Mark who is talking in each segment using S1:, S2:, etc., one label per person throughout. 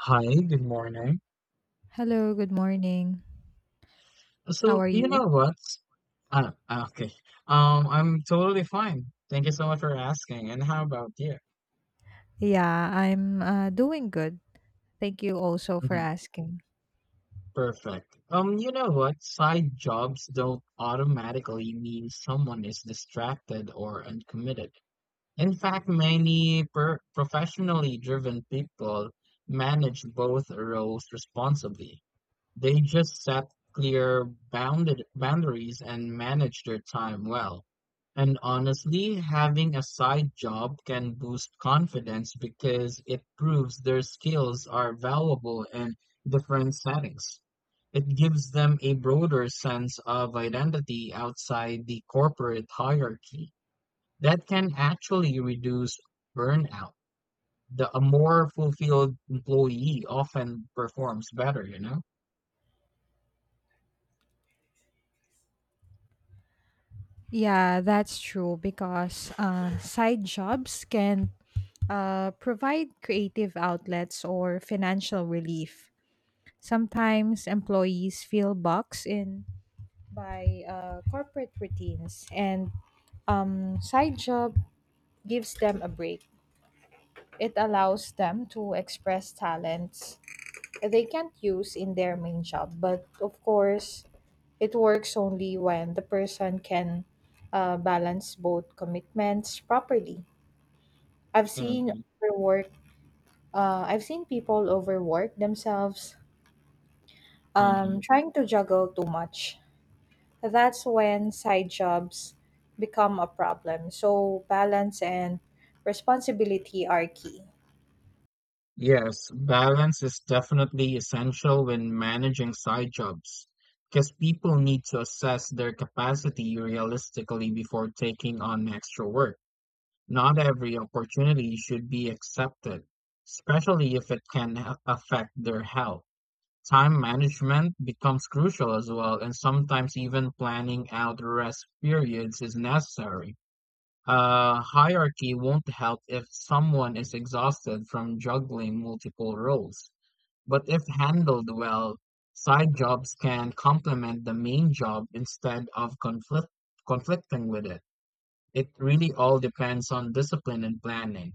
S1: Hi, good morning.
S2: Hello, good morning. How
S1: So,
S2: are
S1: you know
S2: you?
S1: what? Okay. I'm totally fine. Thank you so much for asking. And how about you?
S2: Yeah, I'm doing good. Thank you also for
S1: hmm
S2: asking.
S1: Perfect. You know what? Side jobs don't automatically mean someone is distracted or uncommitted. In fact, many per professionally driven people manage both roles responsibly. They just set clear bounded boundaries and manage their time well. And honestly, having a side job can boost confidence because it proves their skills are valuable in different settings. It gives them a broader sense of identity outside the corporate hierarchy that can actually reduce burnout. The, a more fulfilled employee often performs better, you know?
S2: Yeah, that's true because side jobs can provide creative outlets or financial relief. Sometimes employees feel boxed in by corporate routines, and side job gives them a break. It allows them to express talents they can't use in their main job. But of course, it works only when the person can balance both commitments properly. I've seen
S1: Mhm,
S2: overwork. I've seen people overwork themselves,
S1: mhm.
S2: trying to juggle too much. That's when side jobs become a problem. So balance and responsibility are key.
S1: Yes, balance is definitely essential when managing side jobs because people need to assess their capacity realistically before taking on extra work. Not every opportunity should be accepted, especially if it can affect their health. Time management becomes crucial as well, and sometimes even planning out rest periods is necessary. Hierarchy won't help if someone is exhausted from juggling multiple roles. But if handled well, side jobs can complement the main job instead of conflicting with it. It really all depends on discipline and planning.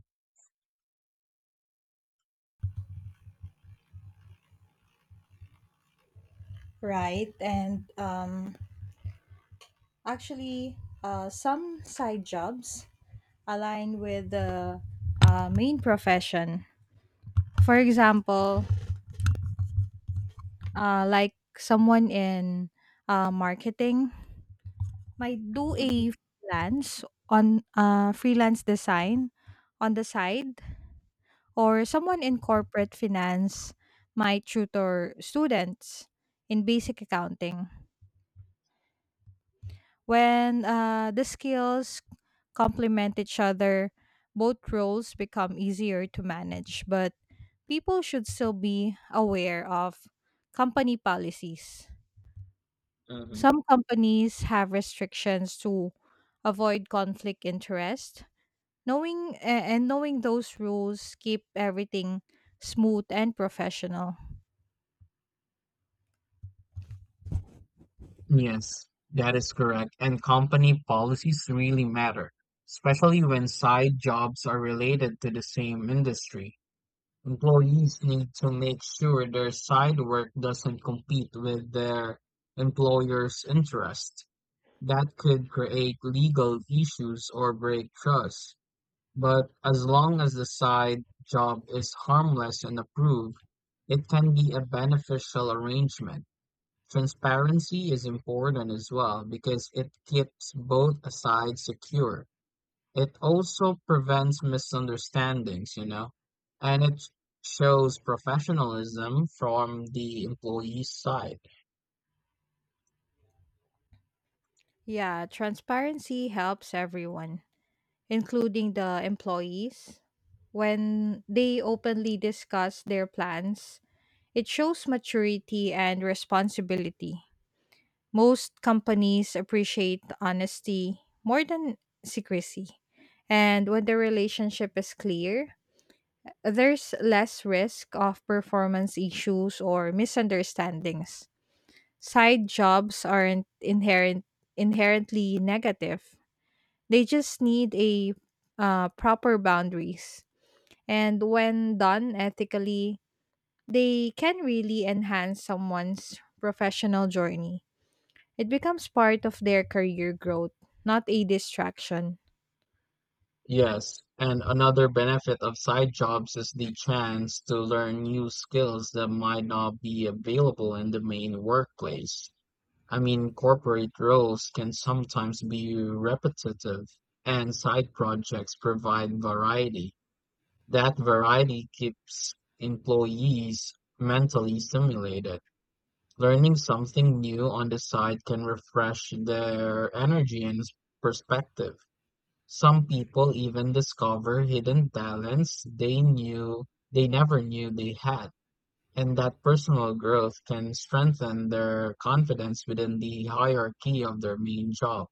S2: Right, and actually, some side jobs align with the main profession. For example, like someone in marketing might do
S1: hmm
S2: a freelance on freelance design on the side, or someone in corporate finance might tutor students in basic accounting. When the skills complement each other, both roles become easier to manage, but people should still be aware of company policies.
S1: hmm
S2: Some companies have restrictions to avoid conflict interest. And knowing those rules keep everything smooth and professional.
S1: Yes, that is correct. And company policies really matter, especially when side jobs are related to the same industry. Employees need to make sure their side work doesn't compete with their employer's interest. That could create legal issues or break trust. But as long as the side job is harmless and approved, it can be a beneficial arrangement. Transparency is important as well because it keeps both sides secure. It also prevents misunderstandings, and it shows professionalism from the employee's side.
S2: Yeah, transparency helps everyone, including the employees. When they openly discuss their plans, it shows maturity and responsibility. Most companies appreciate honesty more than secrecy. And when the relationship is clear, there's less risk of performance issues or misunderstandings. Side jobs aren't inherently negative. They just need a proper boundaries. And when done ethically, they can really enhance someone's professional journey. It becomes part of their career growth, not a distraction.
S1: Yes, and another benefit of side jobs is the chance to learn new skills that might not be available in the main workplace. I mean, corporate roles can sometimes be repetitive, and side projects provide variety. That variety keeps employees mentally stimulated. Learning something new on the side can refresh their energy and perspective. Some people even discover hidden talents they never knew they had, and that personal growth can strengthen their confidence within the hierarchy of their main job.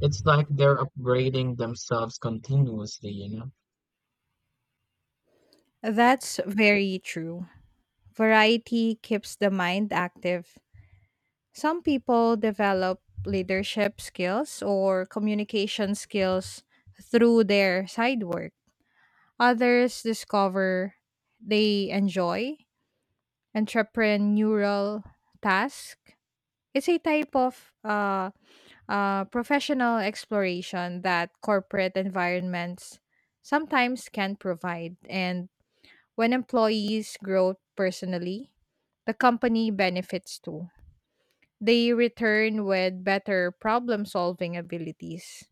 S1: It's like they're upgrading themselves continuously, you know?
S2: That's very true. Variety keeps the mind active. Some people develop leadership skills or communication skills through their side work. Others discover they enjoy entrepreneurial tasks. It's a type of professional exploration that corporate environments sometimes can provide. And when employees grow personally, the company benefits too. They return with better problem solving abilities.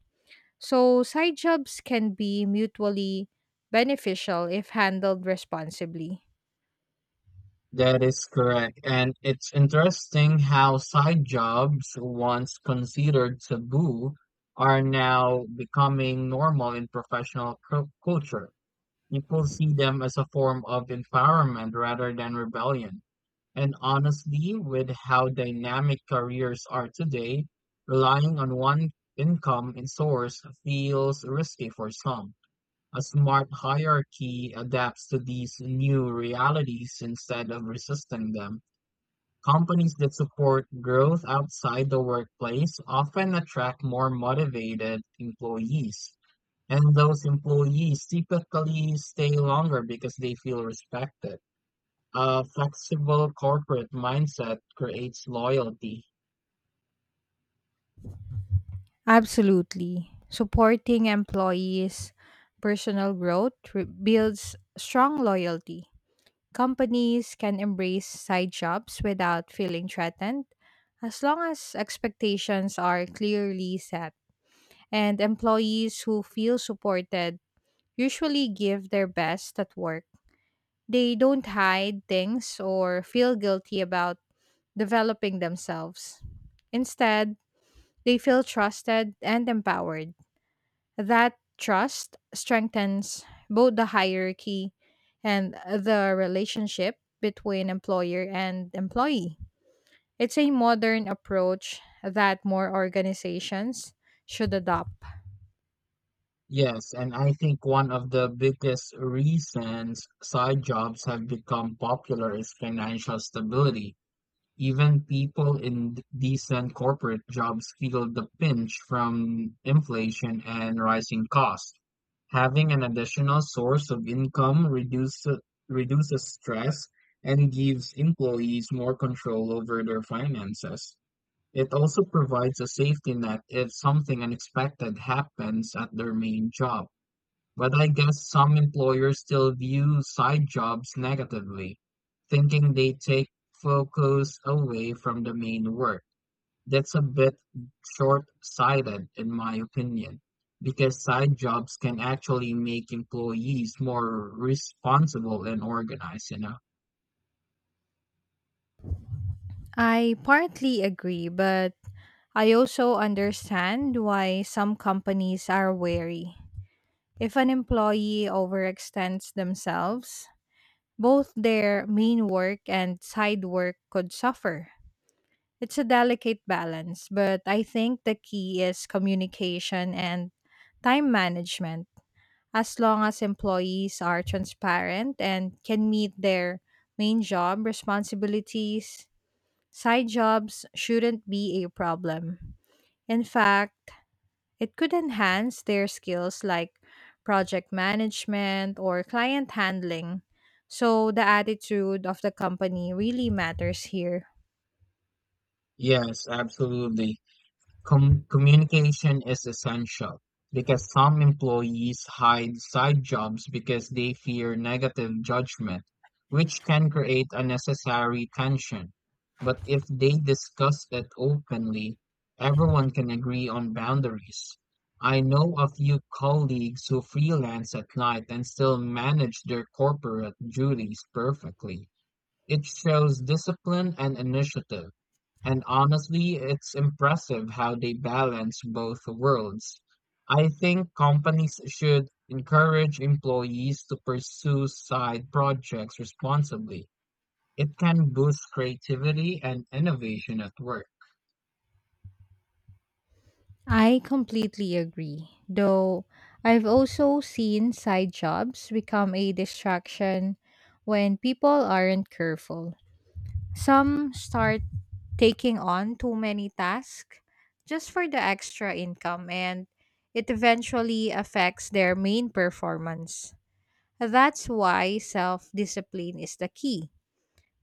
S2: So, side jobs can be mutually beneficial if handled responsibly.
S1: That is correct. And it's interesting how side jobs, once considered taboo, are now becoming normal in professional culture. People see them as a form of empowerment rather than rebellion. And honestly, with how dynamic careers are today, relying on one income source feels risky for some. A smart hierarchy adapts to these new realities instead of resisting them. Companies that support growth outside the workplace often attract more motivated employees, and those employees typically stay longer because they feel respected. A flexible corporate mindset creates loyalty.
S2: Absolutely. Supporting employees' personal growth builds strong loyalty. Companies can embrace side jobs without feeling threatened as long as expectations are clearly set. And employees who feel supported usually give their best at work. They don't hide things or feel guilty about developing themselves. Instead, they feel trusted and empowered. That trust strengthens both the hierarchy and the relationship between employer and employee. It's a modern approach that more organizations should adopt.
S1: Yes, and I think one of the biggest reasons side jobs have become popular is financial stability. Even people in decent corporate jobs feel the pinch from inflation and rising costs. Having an additional source of income reduces stress and gives employees more control over their finances. It also provides a safety net if something unexpected happens at their main job. But I guess some employers still view side jobs negatively, thinking they take focus away from the main work. That's a bit short-sighted, in my opinion, because side jobs can actually make employees more responsible and organized, you know?
S2: I partly agree, but I also understand why some companies are wary. If an employee overextends themselves, both their main work and side work could suffer. It's a delicate balance, but I think the key is communication and time management. As long as employees are transparent and can meet their main job responsibilities, side jobs shouldn't be a problem. In fact, it could enhance their skills like project management or client handling. So, the attitude of the company really matters here.
S1: Yes, absolutely. Communication is essential because some employees hide side jobs because they fear negative judgment, which can create unnecessary tension. But if they discuss it openly, everyone can agree on boundaries. I know a few colleagues who freelance at night and still manage their corporate duties perfectly. It shows discipline and initiative. And honestly, it's impressive how they balance both worlds. I think companies should encourage employees to pursue side projects responsibly. It can boost creativity and innovation at work.
S2: I completely agree. Though I've also seen side jobs become a distraction when people aren't careful. Some start taking on too many tasks just for the extra income, and it eventually affects their main performance. That's why self discipline is the key.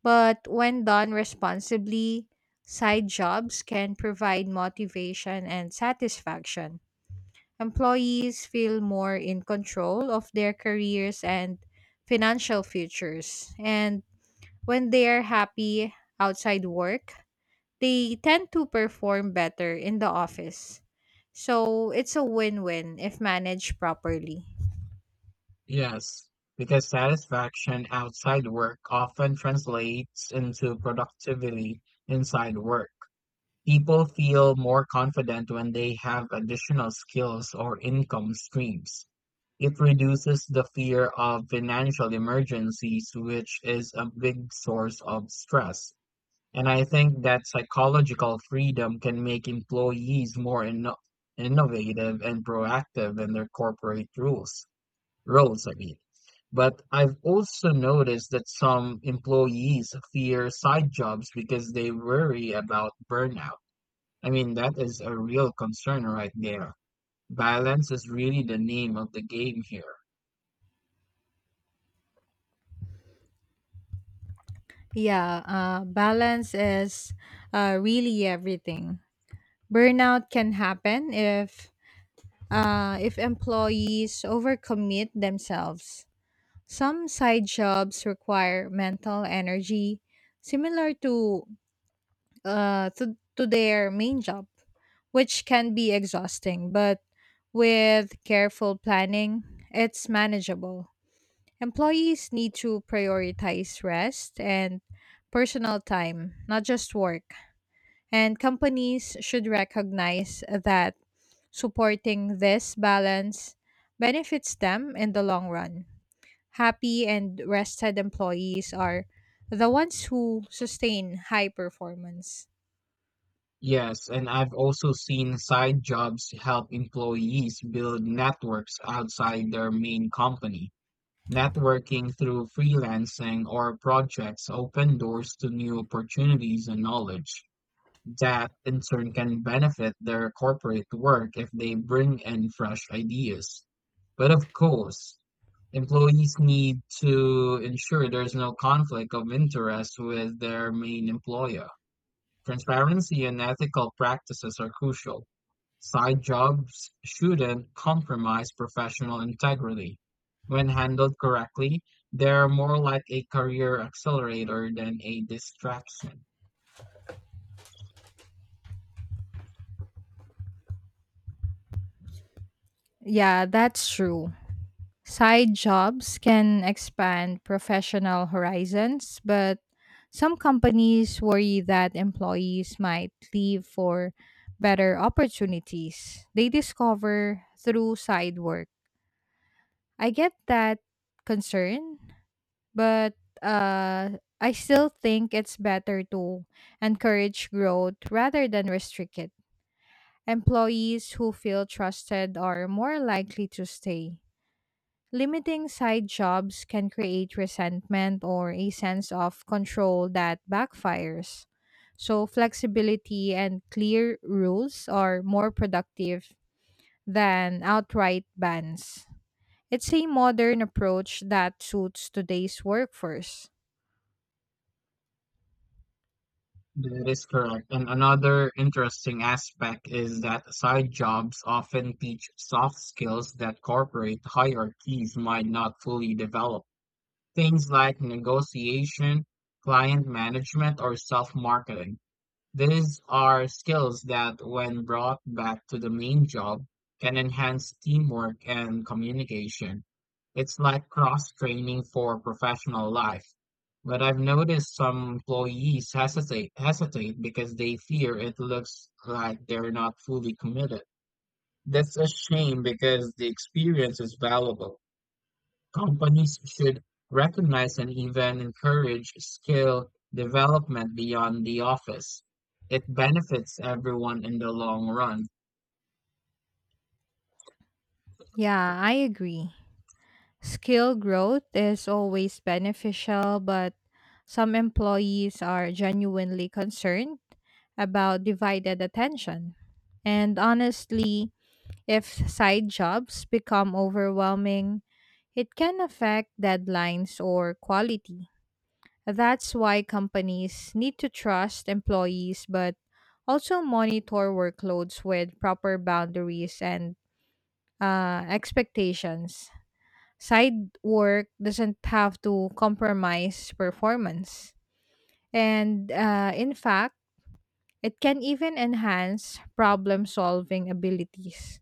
S2: But when done responsibly, side jobs can provide motivation and satisfaction. Employees feel more in control of their careers and financial futures. And when they are happy outside work, they tend to perform better in the office. So it's a win win if managed properly.
S1: Yes, because satisfaction outside work often translates into productivity inside work. People feel more confident when they have additional skills or income streams. It reduces the fear of financial emergencies, which is a big source of stress. And I think that psychological freedom can make employees more innovative and proactive in their corporate rules roles, I mean. But I've also noticed that some employees fear side jobs because they worry about burnout. I mean, that is a real concern right there. Balance is really the name of the game here.
S2: Yeah, balance is really everything. Burnout can happen if employees overcommit themselves. Some side jobs require mental energy similar to their main job, which can be exhausting, but with careful planning, it's manageable. Employees need to prioritize rest and personal time, not just work. And companies should recognize that supporting this balance benefits them in the long run. Happy and rested employees are the ones who sustain high performance.
S1: Yes, and I've also seen side jobs help employees build networks outside their main company. Networking through freelancing or projects open doors to new opportunities and knowledge. That in turn can benefit their corporate work if they bring in fresh ideas. But of course, employees need to ensure there's no conflict of interest with their main employer. Transparency and ethical practices are crucial. Side jobs shouldn't compromise professional integrity. When handled correctly, they're more like a career accelerator than a distraction.
S2: Yeah, that's true. Side jobs can expand professional horizons, but some companies worry that employees might leave for better opportunities they discover through side work. I get that concern, but I still think it's better to encourage growth rather than restrict it. Employees who feel trusted are more likely to stay. Limiting side jobs can create resentment or a sense of control that backfires. So, flexibility and clear rules are more productive than outright bans. It's a modern approach that suits today's workforce.
S1: That is correct. And another interesting aspect is that side jobs often teach soft skills that corporate hierarchies might not fully develop. Things like negotiation, client management, or self-marketing. These are skills that, when brought back to the main job, can enhance teamwork and communication. It's like cross training for professional life. But I've noticed some employees hesitate because they fear it looks like they're not fully committed. That's a shame because the experience is valuable. Companies should recognize and even encourage skill development beyond the office. It benefits everyone in the long run.
S2: Yeah, I agree. Skill growth is always beneficial, but some employees are genuinely concerned about divided attention. And honestly, if side jobs become overwhelming, it can affect deadlines or quality. That's why companies need to trust employees but also monitor workloads with proper boundaries and expectations. Side work doesn't have to compromise performance. And in fact, it can even enhance problem solving abilities.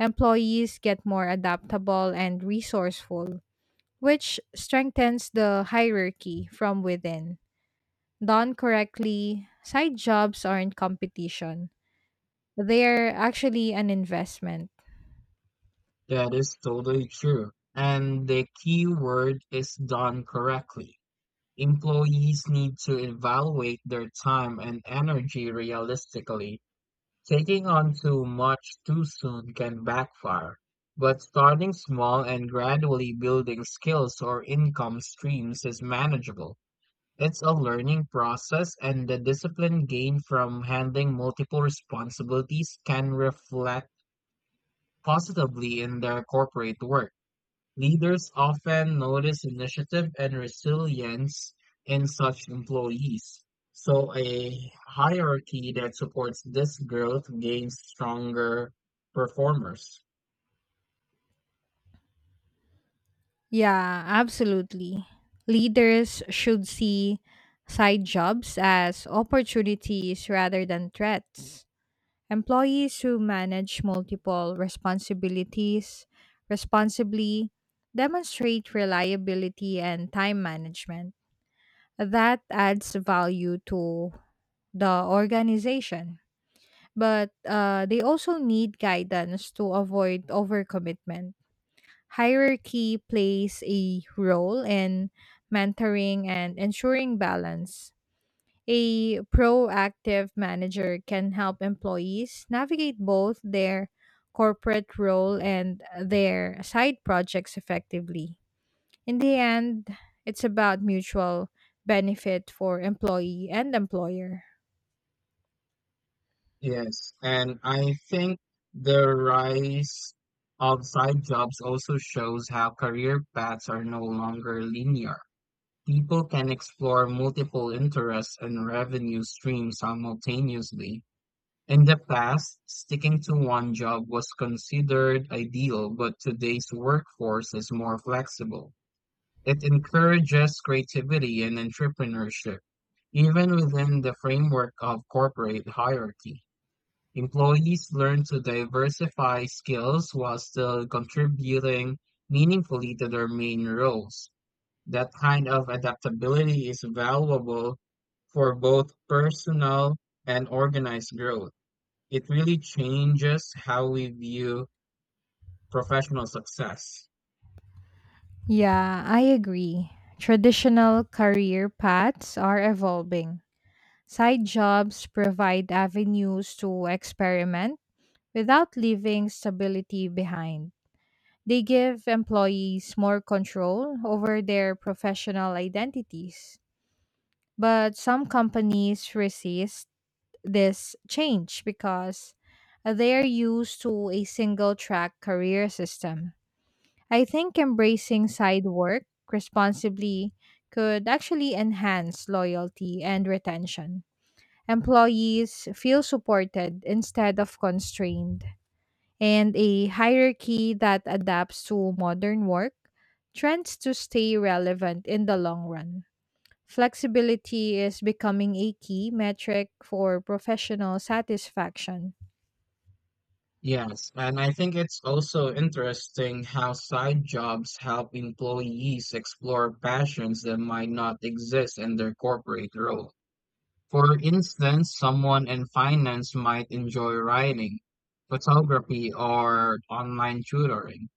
S2: Employees get more adaptable and resourceful, which strengthens the hierarchy from within. Done correctly, side jobs aren't competition, they are actually an investment.
S1: That is totally true. And the key word is done correctly. Employees need to evaluate their time and energy realistically. Taking on too much too soon can backfire. But starting small and gradually building skills or income streams is manageable. It's a learning process, and the discipline gained from handling multiple responsibilities can reflect positively in their corporate work. Leaders often notice initiative and resilience in such employees. So, a hierarchy that supports this growth gains stronger performers.
S2: Yeah, absolutely. Leaders should see side jobs as opportunities rather than threats. Employees who manage multiple responsibilities responsibly demonstrate reliability and time management. That adds value to the organization. But they also need guidance to avoid overcommitment. Hierarchy plays a role in mentoring and ensuring balance. A proactive manager can help employees navigate both their corporate role and their side projects effectively. In the end, it's about mutual benefit for employee and employer.
S1: Yes, and I think the rise of side jobs also shows how career paths are no longer linear. People can explore multiple interests and revenue streams simultaneously. In the past, sticking to one job was considered ideal, but today's workforce is more flexible. It encourages creativity and entrepreneurship, even within the framework of corporate hierarchy. Employees learn to diversify skills while still contributing meaningfully to their main roles. That kind of adaptability is valuable for both personal and organized growth. It really changes how we view professional success.
S2: Yeah, I agree. Traditional career paths are evolving. Side jobs provide avenues to experiment without leaving stability behind. They give employees more control over their professional identities. But some companies resist this change because they're used to a single track career system. I think embracing side work responsibly could actually enhance loyalty and retention. Employees feel supported instead of constrained, and a hierarchy that adapts to modern work trends to stay relevant in the long run. Flexibility is becoming a key metric for professional satisfaction.
S1: Yes, and I think it's also interesting how side jobs help employees explore passions that might not exist in their corporate role. For instance, someone in finance might enjoy writing, photography, or online tutoring.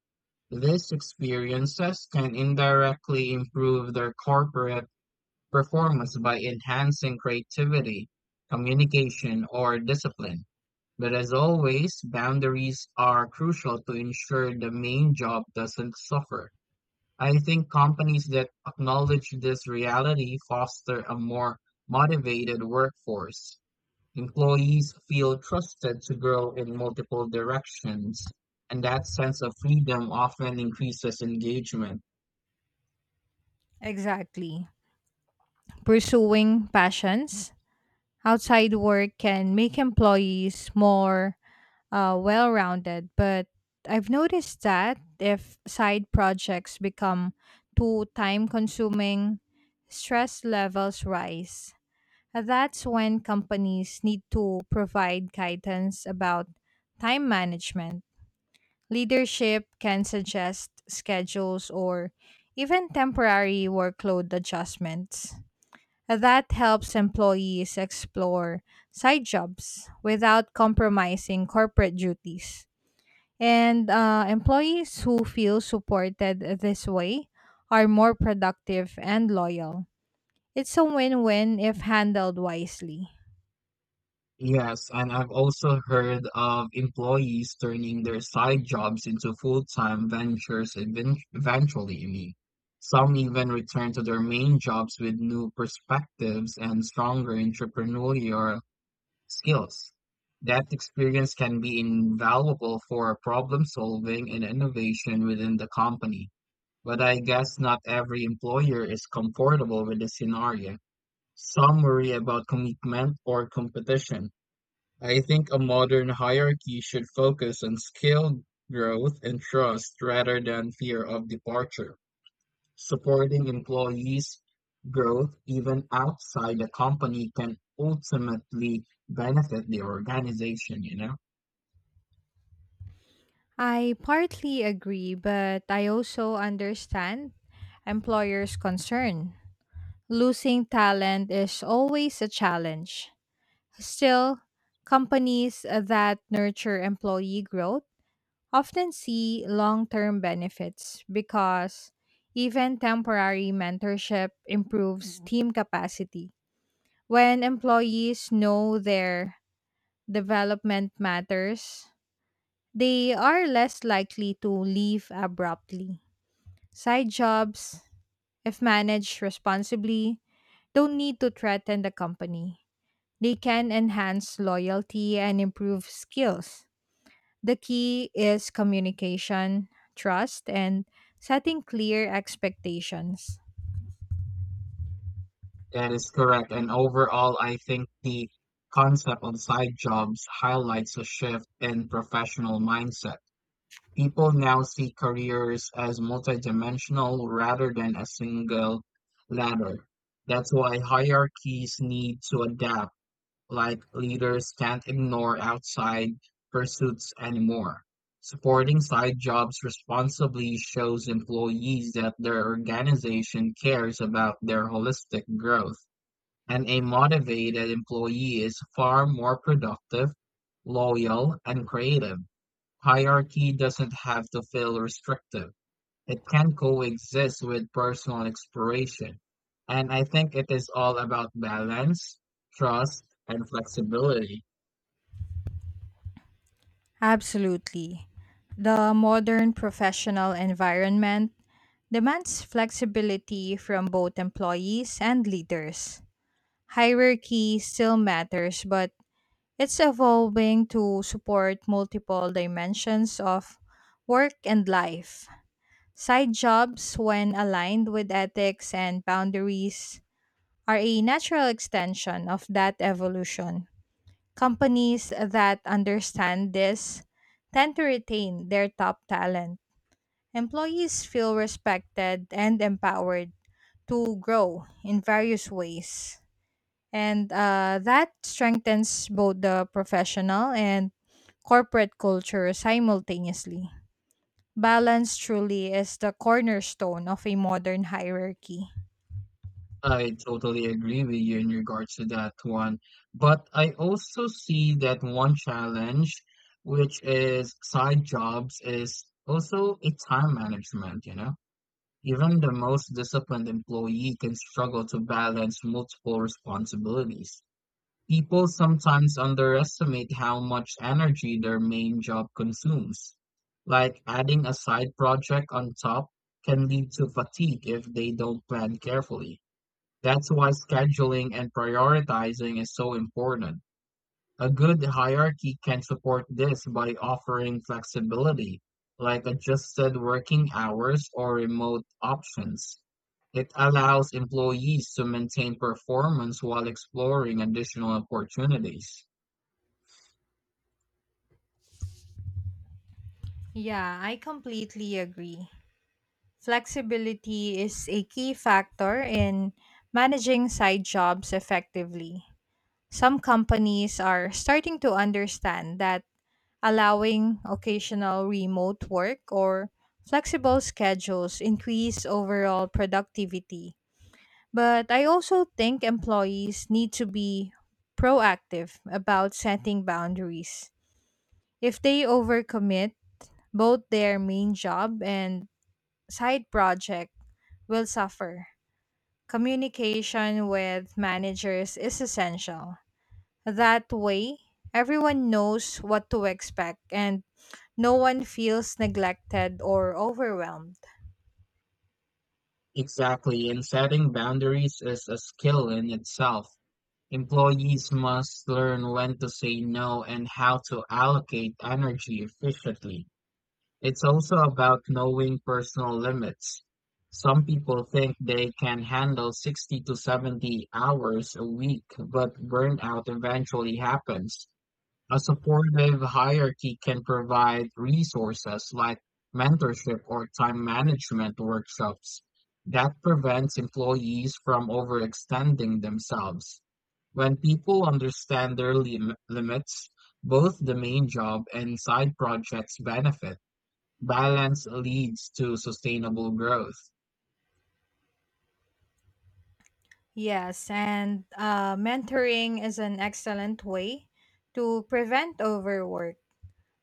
S1: These experiences can indirectly improve their corporate performance by enhancing creativity, communication, or discipline. But as always, boundaries are crucial to ensure the main job doesn't suffer. I think companies that acknowledge this reality foster a more motivated workforce. Employees feel trusted to grow in multiple directions, and that sense of freedom often increases engagement.
S2: Exactly. Pursuing passions outside work can make employees more well rounded, but I've noticed that if side projects become too time consuming, stress levels rise. That's when companies need to provide guidance about time management. Leadership can suggest schedules or even temporary workload adjustments. That helps employees explore side jobs without compromising corporate duties. And employees who feel supported this way are more productive and loyal. It's a win win if handled wisely.
S1: Yes, and I've also heard of employees turning their side jobs into full-time ventures eventually, I mean. Some even return to their main jobs with new perspectives and stronger entrepreneurial skills. That experience can be invaluable for problem solving and innovation within the company. But I guess not every employer is comfortable with this scenario. Some worry about commitment or competition. I think a modern hierarchy should focus on skill, growth, and trust rather than fear of departure. Supporting employees' growth even outside the company can ultimately benefit the organization, you know?
S2: I partly agree, but I also understand employers' concern. Losing talent is always a challenge. Still, companies that nurture employee growth often see long term benefits because even temporary mentorship improves team capacity. When employees know their development matters, they are less likely to leave abruptly. Side jobs, if managed responsibly, don't need to threaten the company. They can enhance loyalty and improve skills. The key is communication, trust, and setting clear expectations.
S1: That is correct. And overall, I think the concept of side jobs highlights a shift in professional mindset. People now see careers as multidimensional rather than a single ladder. That's why hierarchies need to adapt, like leaders can't ignore outside pursuits anymore. Supporting side jobs responsibly shows employees that their organization cares about their holistic growth, and a motivated employee is far more productive, loyal, and creative. Hierarchy doesn't have to feel restrictive. It can coexist with personal exploration. And I think it is all about balance, trust, and flexibility.
S2: Absolutely. The modern professional environment demands flexibility from both employees and leaders. Hierarchy still matters, but it's evolving to support multiple dimensions of work and life. Side jobs, when aligned with ethics and boundaries, are a natural extension of that evolution. Companies that understand this tend to retain their top talent. Employees feel respected and empowered to grow in various ways. And that strengthens both the professional and corporate culture simultaneously. Balance truly is the cornerstone of a modern hierarchy.
S1: I totally agree with you in regards to that one. But I also see that one challenge, which is side jobs, is also a time management, you know? Even the most disciplined employee can struggle to balance multiple responsibilities. People sometimes underestimate how much energy their main job consumes. Like adding a side project on top can lead to fatigue if they don't plan carefully. That's why scheduling and prioritizing is so important. A good hierarchy can support this by offering flexibility, like adjusted working hours or remote options. It allows employees to maintain performance while exploring additional opportunities.
S2: Yeah, I completely agree. Flexibility is a key factor in managing side jobs effectively. Some companies are starting to understand that allowing occasional remote work or flexible schedules increase overall productivity. But I also think employees need to be proactive about setting boundaries. If they overcommit, both their main job and side project will suffer. Communication with managers is essential. That way, everyone knows what to expect and no one feels neglected or overwhelmed.
S1: Exactly, and setting boundaries is a skill in itself. Employees must learn when to say no and how to allocate energy efficiently. It's also about knowing personal limits. Some people think they can handle 60 to 70 hours a week, but burnout eventually happens. A supportive hierarchy can provide resources like mentorship or time management workshops. That prevents employees from overextending themselves. When people understand their limits, both the main job and side projects benefit. Balance leads to sustainable growth.
S2: Yes, and mentoring is an excellent way to prevent overwork.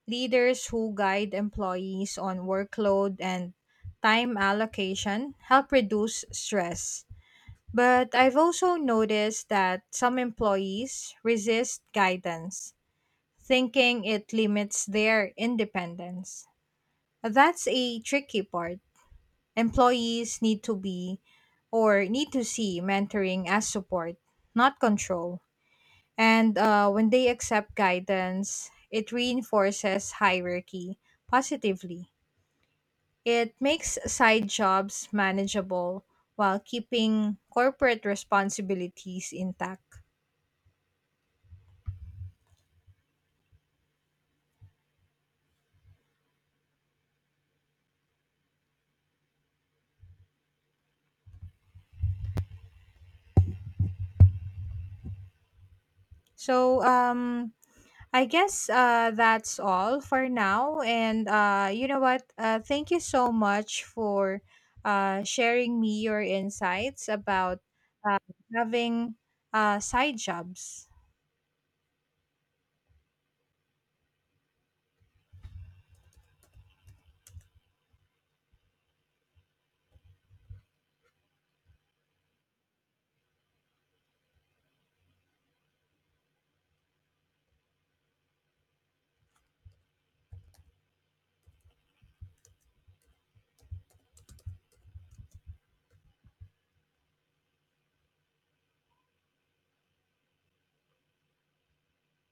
S2: Leaders who guide employees on workload and time allocation help reduce stress. But I've also noticed that some employees resist guidance thinking it limits their independence. That's a tricky part. Employees need to see mentoring as support, not control. And when they accept guidance, it reinforces hierarchy positively. It makes side jobs manageable while keeping corporate responsibilities intact. So, I guess that's all for now. And you know what? Thank you so much for sharing me your insights about uh, having side jobs.